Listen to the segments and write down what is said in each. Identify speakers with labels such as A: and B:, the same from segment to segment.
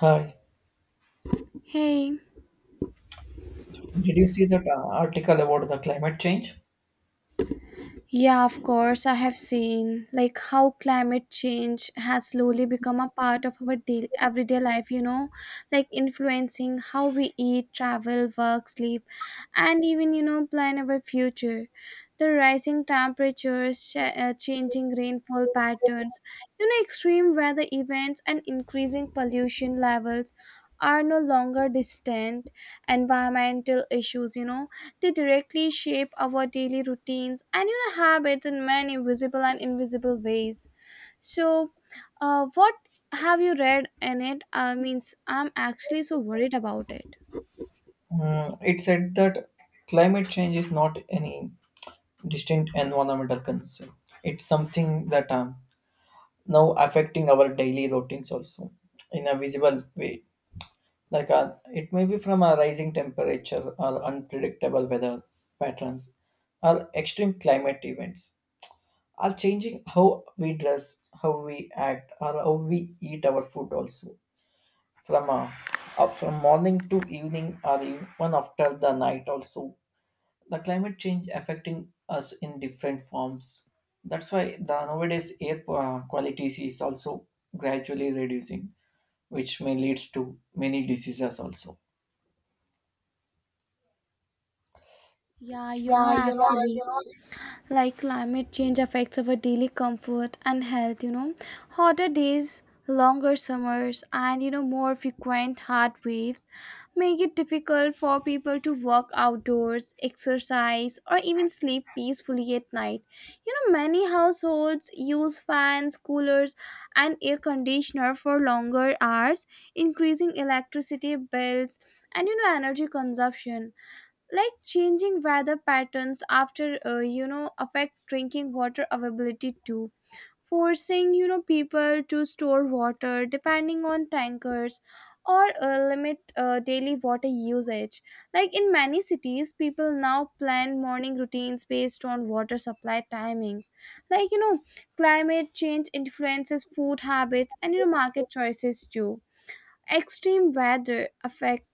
A: Hi.
B: Hey,
A: Did you see that article about the climate change?
B: yeah, of course, I have seen like how climate change has slowly become a part of our daily, everyday life, like influencing how we eat, travel, work, sleep, and even, plan our future. The rising temperatures, changing rainfall patterns, extreme weather events, and increasing pollution levels are no longer distant environmental issues. They directly shape our daily routines and habits in many visible and invisible ways. So, what have you read in it? Means I'm actually so worried about it.
A: Mm, it said that climate change is not any distinct environmental concern. It's something that now affecting our daily routines also in a visible way. Like it may be from a rising temperature or unpredictable weather patterns or extreme climate events are changing how we dress, how we act, or how we eat our food also from up from morning to evening or even after the night also the climate change affecting us in different forms. That's why the nowadays air quality is also gradually reducing, which may leads to many diseases also.
B: Yeah,
A: Yeah,
B: yeah,
A: you know,
B: actually, like climate change affects our daily comfort and health. Hotter days, longer summers, and more frequent heat waves make it difficult for people to walk outdoors, exercise, or even sleep peacefully at night. Many households use fans, coolers, and air conditioner for longer hours, increasing electricity bills and energy consumption. Like changing weather patterns after affect drinking water availability too, forcing people to store water, depending on tankers, or limit daily water usage. Like in many cities, people now plan morning routines based on water supply timings. Like you know climate change influences food habits and market choices too. Extreme weather affect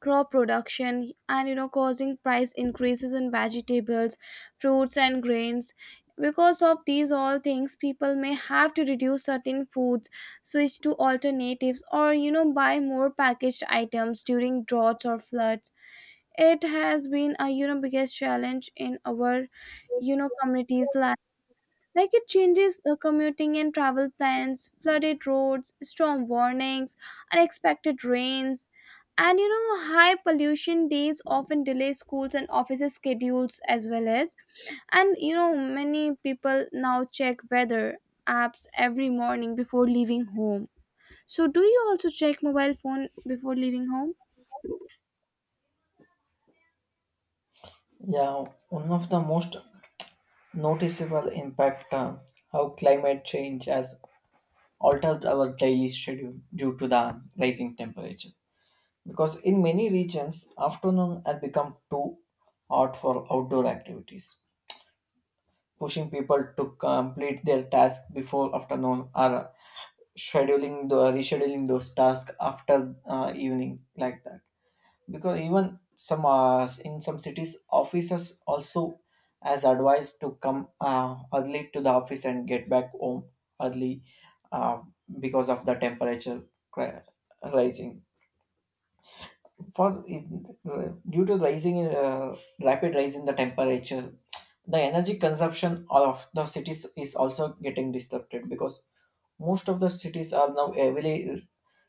B: crop production and causing price increases in vegetables, fruits, and grains. Because of these all things, people may have to reduce certain foods, switch to alternatives, or buy more packaged items during droughts or floods. It has been a biggest challenge in our communities. Like it changes commuting and travel plans, flooded roads, storm warnings, unexpected rains, and high pollution days often delay schools and offices' schedules as well as. And many people now check weather apps every morning before leaving home. So, do you also check mobile phone before leaving home?
A: yeah, one of the most noticeable impact, how climate change has altered our daily schedule due to the rising temperature. Because in many regions, afternoon had become too hot for outdoor activities, pushing people to complete their tasks before afternoon or scheduling the rescheduling those tasks after evening like that. Because even some in some cities, officers also as advised to come early to the office and get back home early, uh, because of the temperature cri- rising, for due to rising in, rapid rise in the temperature, the energy consumption of the cities is also getting disrupted because most of the cities are now heavily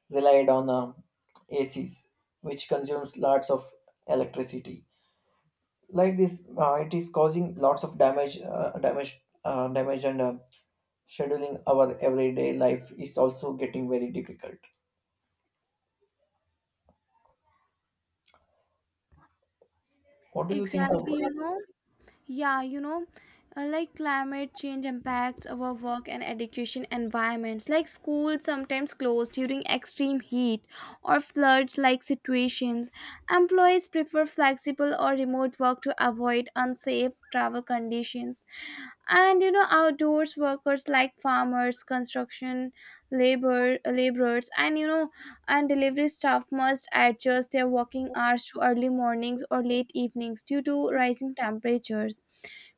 A: relied on acs, which consumes lots of electricity. Like this it is causing lots of damage, and scheduling our everyday life is also getting very difficult. What do you think of?
B: Exactly, yeah, like climate change impacts our work and education environments, like schools sometimes closed during extreme heat or floods like situations. Employees prefer flexible or remote work to avoid unsafe travel conditions. And outdoors workers like farmers, construction laborers, and delivery staff must adjust their working hours to early mornings or late evenings due to rising temperatures.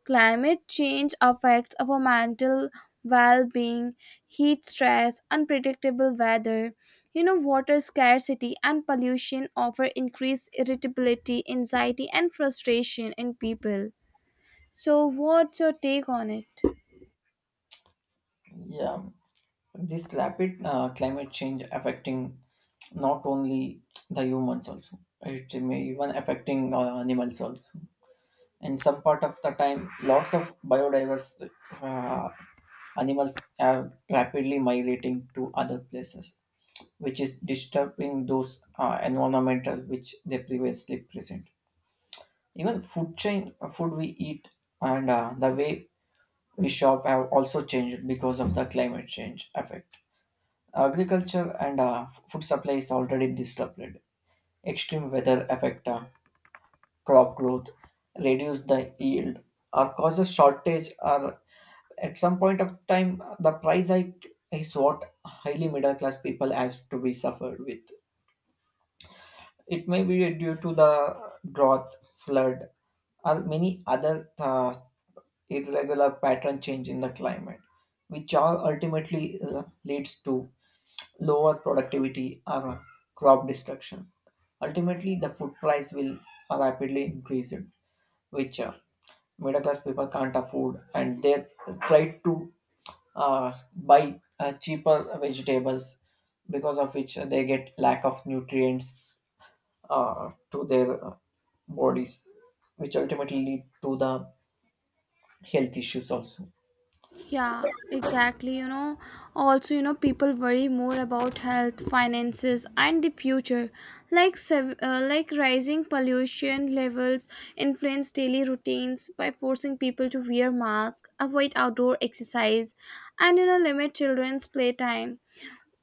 B: Climate change affects our mental well being, heat stress, unpredictable weather. Water scarcity and pollution offer increased irritability, anxiety, and frustration in people. So, what's your take on it?
A: Yeah, this rapid climate change affecting not only the humans, also it may even affecting animals also, and some part of the time lots of biodiverse uh, animals are rapidly migrating to other places, which is disturbing those environmental which they previously present. Even food chain, food we eat and the way we shop have also changed because of the climate change effect. Agriculture and food supply is already disrupted. Extreme weather affect crop growth, reduce the yield, or causes shortage. Or at some point of time, the price hike is what highly middle class people has to be suffered with. It may be due to the drought, flood, or many other irregular pattern change in the climate, which all ultimately leads to lower productivity, or crop destruction. Ultimately, the food price will rapidly increase, which middle class people can't afford, and they try to buy cheaper vegetables, because of which they get lack of nutrients to their bodies, which ultimately lead to the health issues also.
B: Yeah, exactly. Also, people worry more about health, finances, and the future. Like, like rising pollution levels influence daily routines by forcing people to wear masks, avoid outdoor exercise, and limit children's playtime.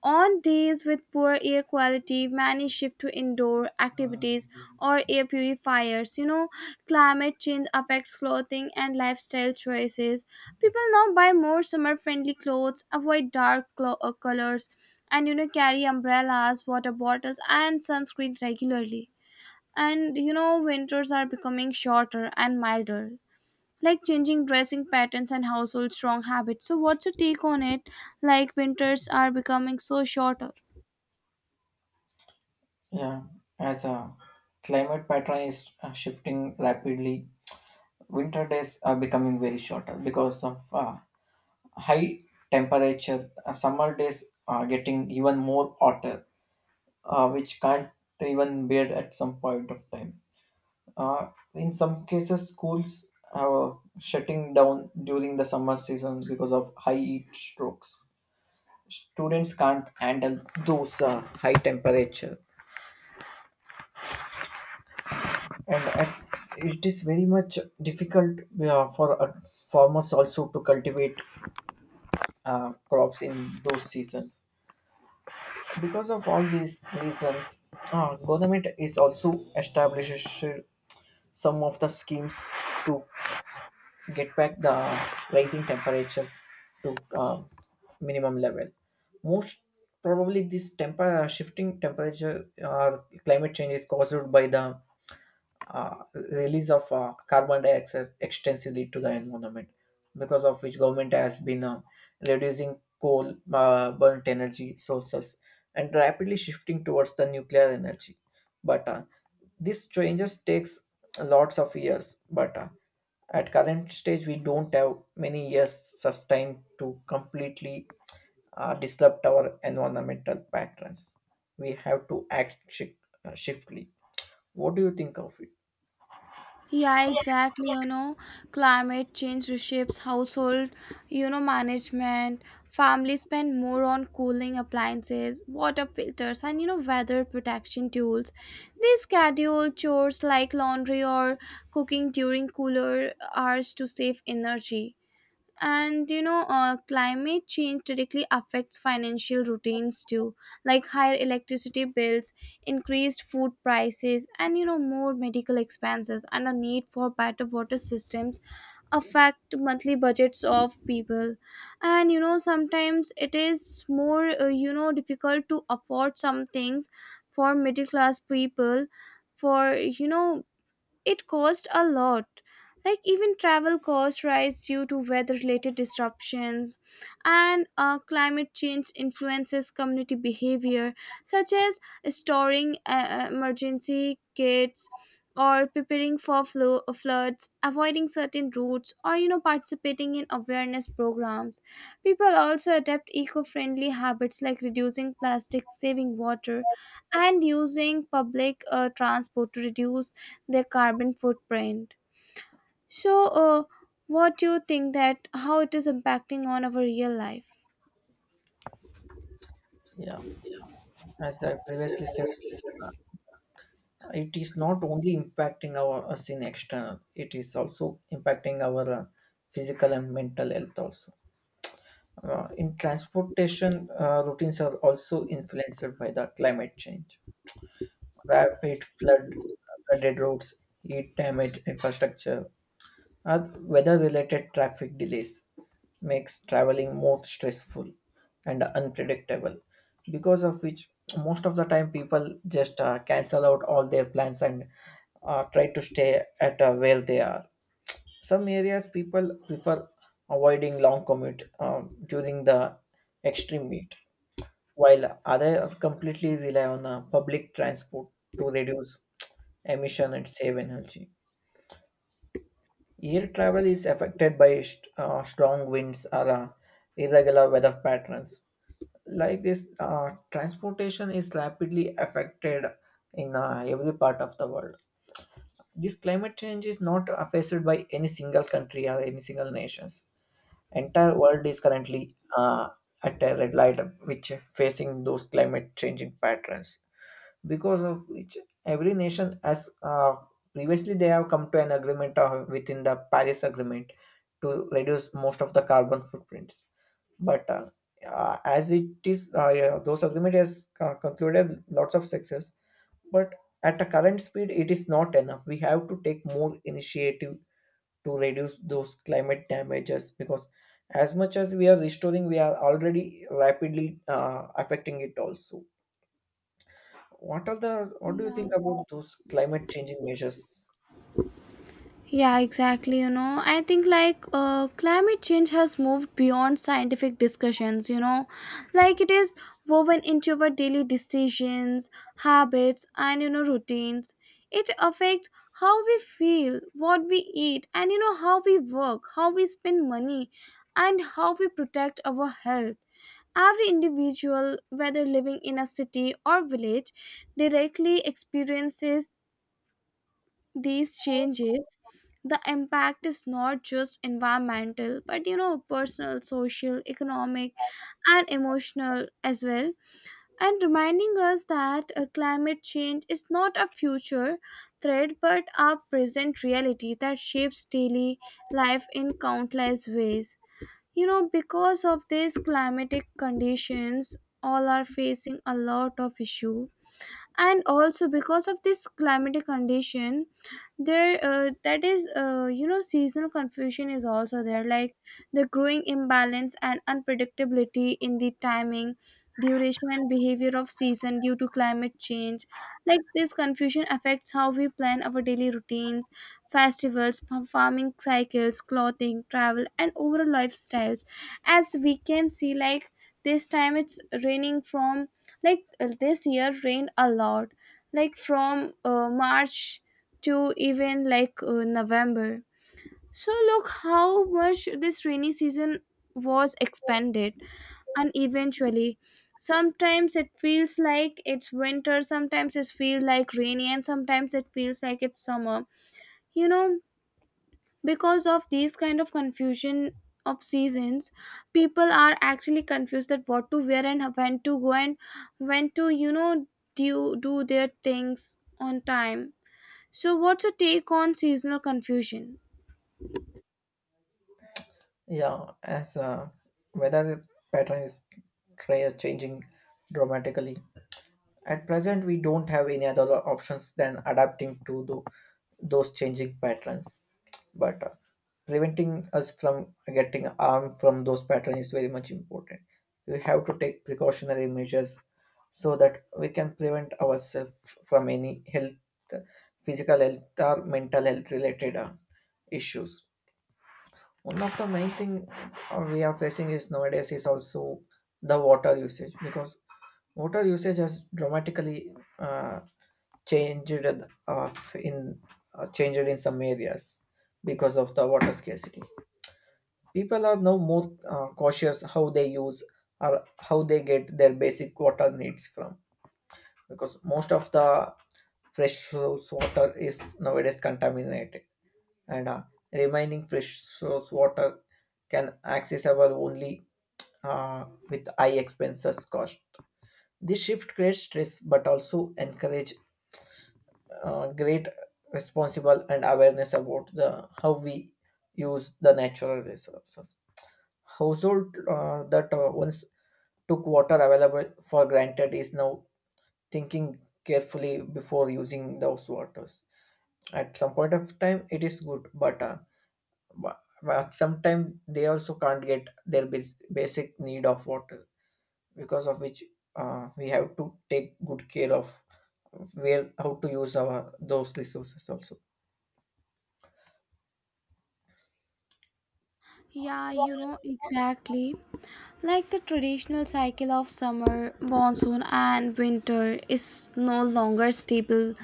B: On days with poor air quality, many shift to indoor activities or air purifiers. Climate change affects clothing and lifestyle choices. People now buy more summer friendly clothes, avoid dark colors, and carry umbrellas, water bottles, and sunscreen regularly. And winters are becoming shorter and milder, like changing dressing patterns and household strong habits. So, what's your take on it? Like, winters are becoming so shorter.
A: Yeah, as a climate pattern is shifting rapidly, winter days are becoming very shorter because of high temperature. Summer days are getting even more hotter, which can't even bear at some point of time. Uh, in some cases, schools are shutting down during the summer season because of high heat strokes. Students can't handle those high temperature, and at, it is very much difficult for farmers also to cultivate crops in those seasons. Because of all these reasons, government is also established some of the schemes to get back the rising temperature to minimum level. Most probably, this temper shifting temperature or climate change is caused by the uh, release of carbon dioxide extensively to the environment, because of which government has been reducing coal burnt energy sources and rapidly shifting towards the nuclear energy. But this changes takes lots of years, but at current stage we don't have many years sustained to completely disrupt our environmental patterns. We have to act shiftly. What do you think of it?
B: Yeah, exactly. Climate change reshapes household management. Families spend more on cooling appliances, water filters, and weather protection tools. They schedule chores like laundry or cooking during cooler hours to save energy. And climate change directly affects financial routines too, like higher electricity bills, increased food prices, and more medical expenses, and the need for better water systems affect monthly budgets of people. And sometimes it is more difficult to afford some things for middle class people. For it cost a lot. Like even travel costs rise due to weather related disruptions. And climate change influences community behavior, such as storing emergency kits or preparing for floods, avoiding certain routes, or participating in awareness programs. People also adapt eco-friendly habits like reducing plastic, saving water, and using public transport to reduce their carbon footprint. So, what do you think that how it is impacting on our real life?
A: Yeah, as I previously said, it is not only impacting our us in external; it is also impacting our physical and mental health also. In transportation, routines are also influenced by the climate change. Rapid flood, flooded roads, heat damage infrastructure, our weather-related traffic delays makes traveling more stressful and unpredictable, because of which most of the time people just cancel out all their plans and try to stay at where they are. Some areas people prefer avoiding long commute during the extreme heat, while others completely rely on public transport to reduce emission and save energy. Air travel is affected by strong winds or irregular weather patterns. Like this, transportation is rapidly affected in every part of the world. This climate change is not affected by any single country or any single nations. Entire world is currently at a red light, which facing those climate changing patterns, because of which every nation as previously they have come to an agreement within the Paris agreement to reduce most of the carbon footprints. But as it is yeah, those agreement has concluded lots of success, but at a current speed it is not enough. We have to take more initiative to reduce those climate damages, because as much as we are restoring we are already rapidly affecting it also. What are the what do you
B: Yeah.
A: think about those climate changing measures?
B: Yeah, exactly. I think like climate change has moved beyond scientific discussions, like it is woven into our daily decisions, habits, and routines. It affects how we feel, what we eat, and how we work, how we spend money, and how we protect our health. Every individual, whether living in a city or village, directly experiences these changes. The impact is not just environmental but personal, social, economic, and emotional as well, and reminding us that climate change is not a future threat but a present reality that shapes daily life in countless ways. Because of these climatic conditions, all are facing a lot of issue. And also because of this climatic condition, there that is seasonal confusion is also there. Like the growing imbalance and unpredictability in the timing, duration, and behavior of season due to climate change, like this confusion affects how we plan our daily routines, festivals, farming cycles, clothing, travel, and overall lifestyles. As we can see, like this time it's raining from, like this year rained a lot, like from March to even like November. So look how much this rainy season was expanded. And eventually sometimes it feels like it's winter, sometimes it feels like rainy, and sometimes it feels like it's summer. you know because of these kind of confusion of seasons, people are actually confused that what to wear and when to go, and when to do their things on time. So what's your take on seasonal confusion?
A: Yeah, as weather pattern is changing dramatically, at present, we don't have any other options than adapting to those changing patterns. But preventing us from getting harmed from those patterns is very much important. We have to take precautionary measures so that we can prevent ourselves from any health, physical health or mental health related issues. One of the main thing we are facing is nowadays is also the water usage, because water usage has dramatically uh, changed uh, in changed in some areas because of the water scarcity. People are now more cautious how they use or how they get their basic water needs from, because most of the fresh source water is nowadays contaminated, and remaining fresh source water can accessible only uh, with high expenses cost. This shift creates stress but also encourage great responsible and awareness about the how we use the natural resources. Household that once took water available for granted is now thinking carefully before using those waters. At some point of time, it is good, but but sometimes they also can't get their basic need of water, because of which we have to take good care of where how to use our those resources also.
B: Yeah, exactly. Like the traditional cycle of summer, monsoon, and winter is no longer stable.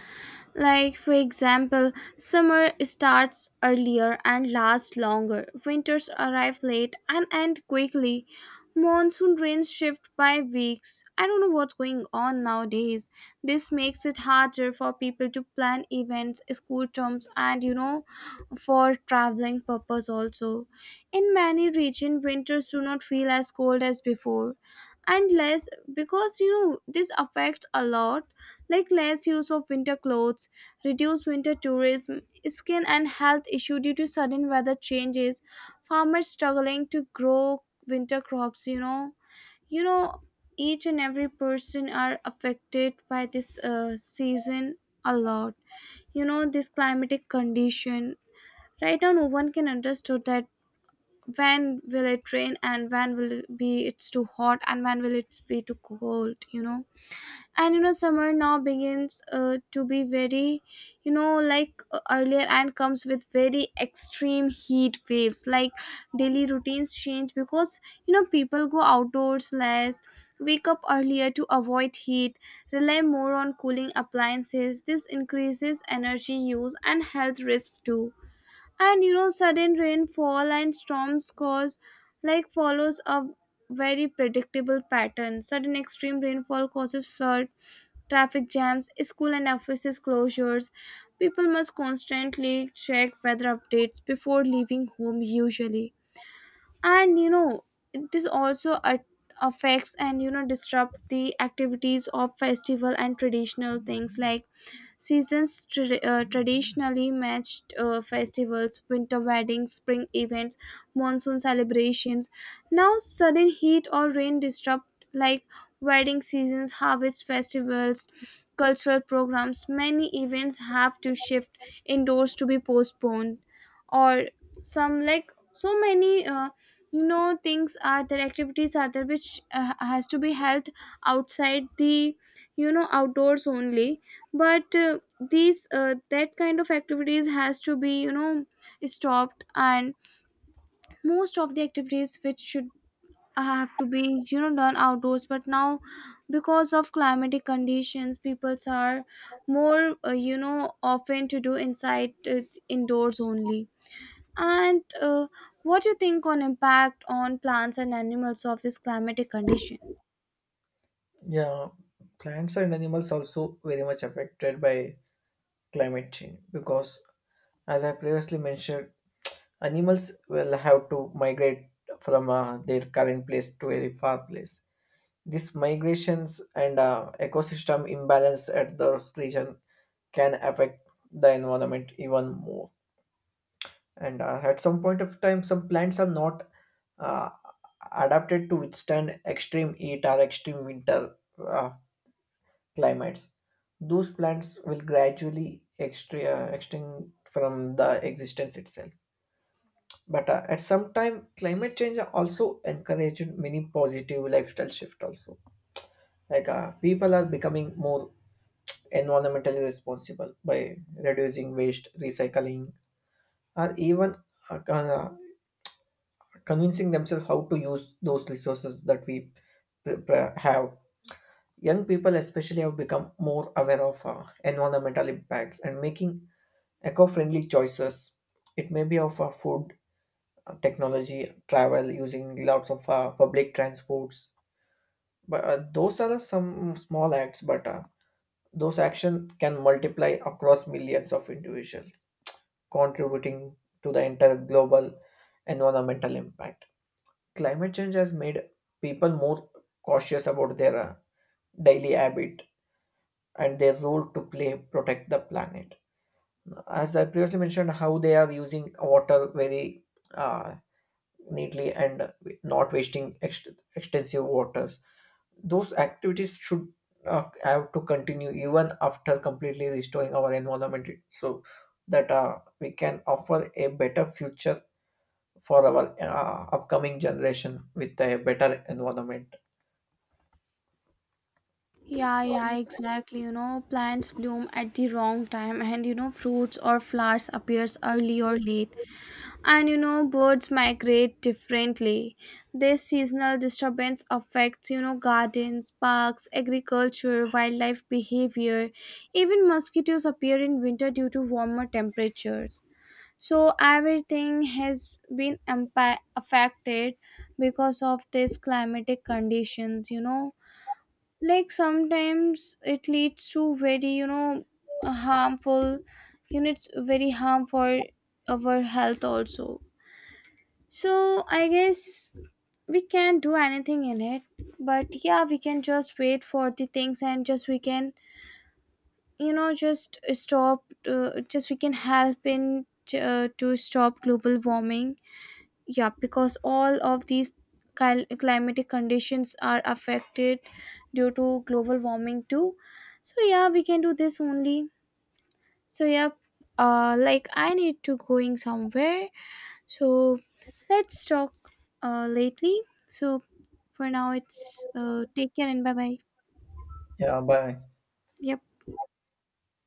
B: Like, for example, summer starts earlier and lasts longer, winters arrive late and end quickly, monsoon rains shift by weeks. I don't know what's going on nowadays. This makes it harder for people to plan events, school terms, and for traveling purpose also. In many regions, winters do not feel as cold as before and less, because this affects a lot, like less use of winter clothes, reduced winter tourism, skin and health issue due to sudden weather changes, farmers struggling to grow winter crops. You know, each and every person are affected by this season a lot. This climatic condition. Right now, no one can understood that when will it rain and when will it be it's too hot and when will it be too cold. And summer now begins to be very like earlier, and comes with very extreme heat waves. Like daily routines change because people go outdoors less, wake up earlier to avoid heat, rely more on cooling appliances. This increases energy use and health risks too. And sudden rainfall and storms cause, like follows a very predictable pattern. Sudden extreme rainfall causes flood, traffic jams, school and offices closures. People must constantly check weather updates before leaving home usually. And this also affects and disrupt the activities of festival and traditional things. Like seasons traditionally matched festivals, winter weddings, spring events, monsoon celebrations. Now, sudden heat or rain disrupt like wedding seasons, harvest festivals, cultural programs. Many events have to shift indoors to be postponed, or some, like so many. Things are there, activities are there which has to be held outside the outdoors only. But these that kind of activities has to be stopped. And most of the activities which should have to be done outdoors, but now because of climatic conditions, peoples are more often to do inside indoors only. And what do you think on impact on plants and animals of this climatic condition?
A: Yeah, plants and animals also very much affected by climate change, because as I previously mentioned animals will have to migrate from their current place to a far place. This migrations and ecosystem imbalance at those region can affect the environment even more. And at some point of time, some plants are not uh, adapted to withstand extreme heat or extreme winter uh, climates. Those plants will gradually extinct from the existence itself. But at some time, climate change also encouraged many positive lifestyle shift also. Like people are becoming more environmentally responsible by reducing waste, recycling, or even uh, con- uh, convincing themselves how to use those resources that we have. Young people, especially, have become more aware of environmental impacts and making eco friendly choices. It may be of food, technology, travel, using lots of public transports. But those are some small acts, but those actions can multiply across millions of individuals, contributing to the entire global environmental impact. Climate change has made people more cautious about their daily habit and their role to play protect the planet. As I previously mentioned, how they are using water very uh, neatly and not wasting extensive waters. Those activities should have to continue even after completely restoring our environment, so that we can offer a better future for our upcoming generation with a better environment.
B: Yeah, yeah, exactly. Plants bloom at the wrong time, and fruits or flowers appears early or late. And birds migrate differently. This seasonal disturbance affects, gardens, parks, agriculture, wildlife behavior. Even mosquitoes appear in winter due to warmer temperatures. So everything has been affected because of these climatic conditions. Like sometimes it leads to very harmful, it's very harm for our health also. So I guess we can't do anything in it, but yeah, we can just wait for the things and just we can just stop just we can help in to stop global warming. Yeah, because all of these climatic conditions are affected due to global warming too. So yeah, we can do this only. So yeah, like I need to going somewhere. So let's talk lately. So for now it's take care and bye bye.
A: Yeah, bye.
B: Yep.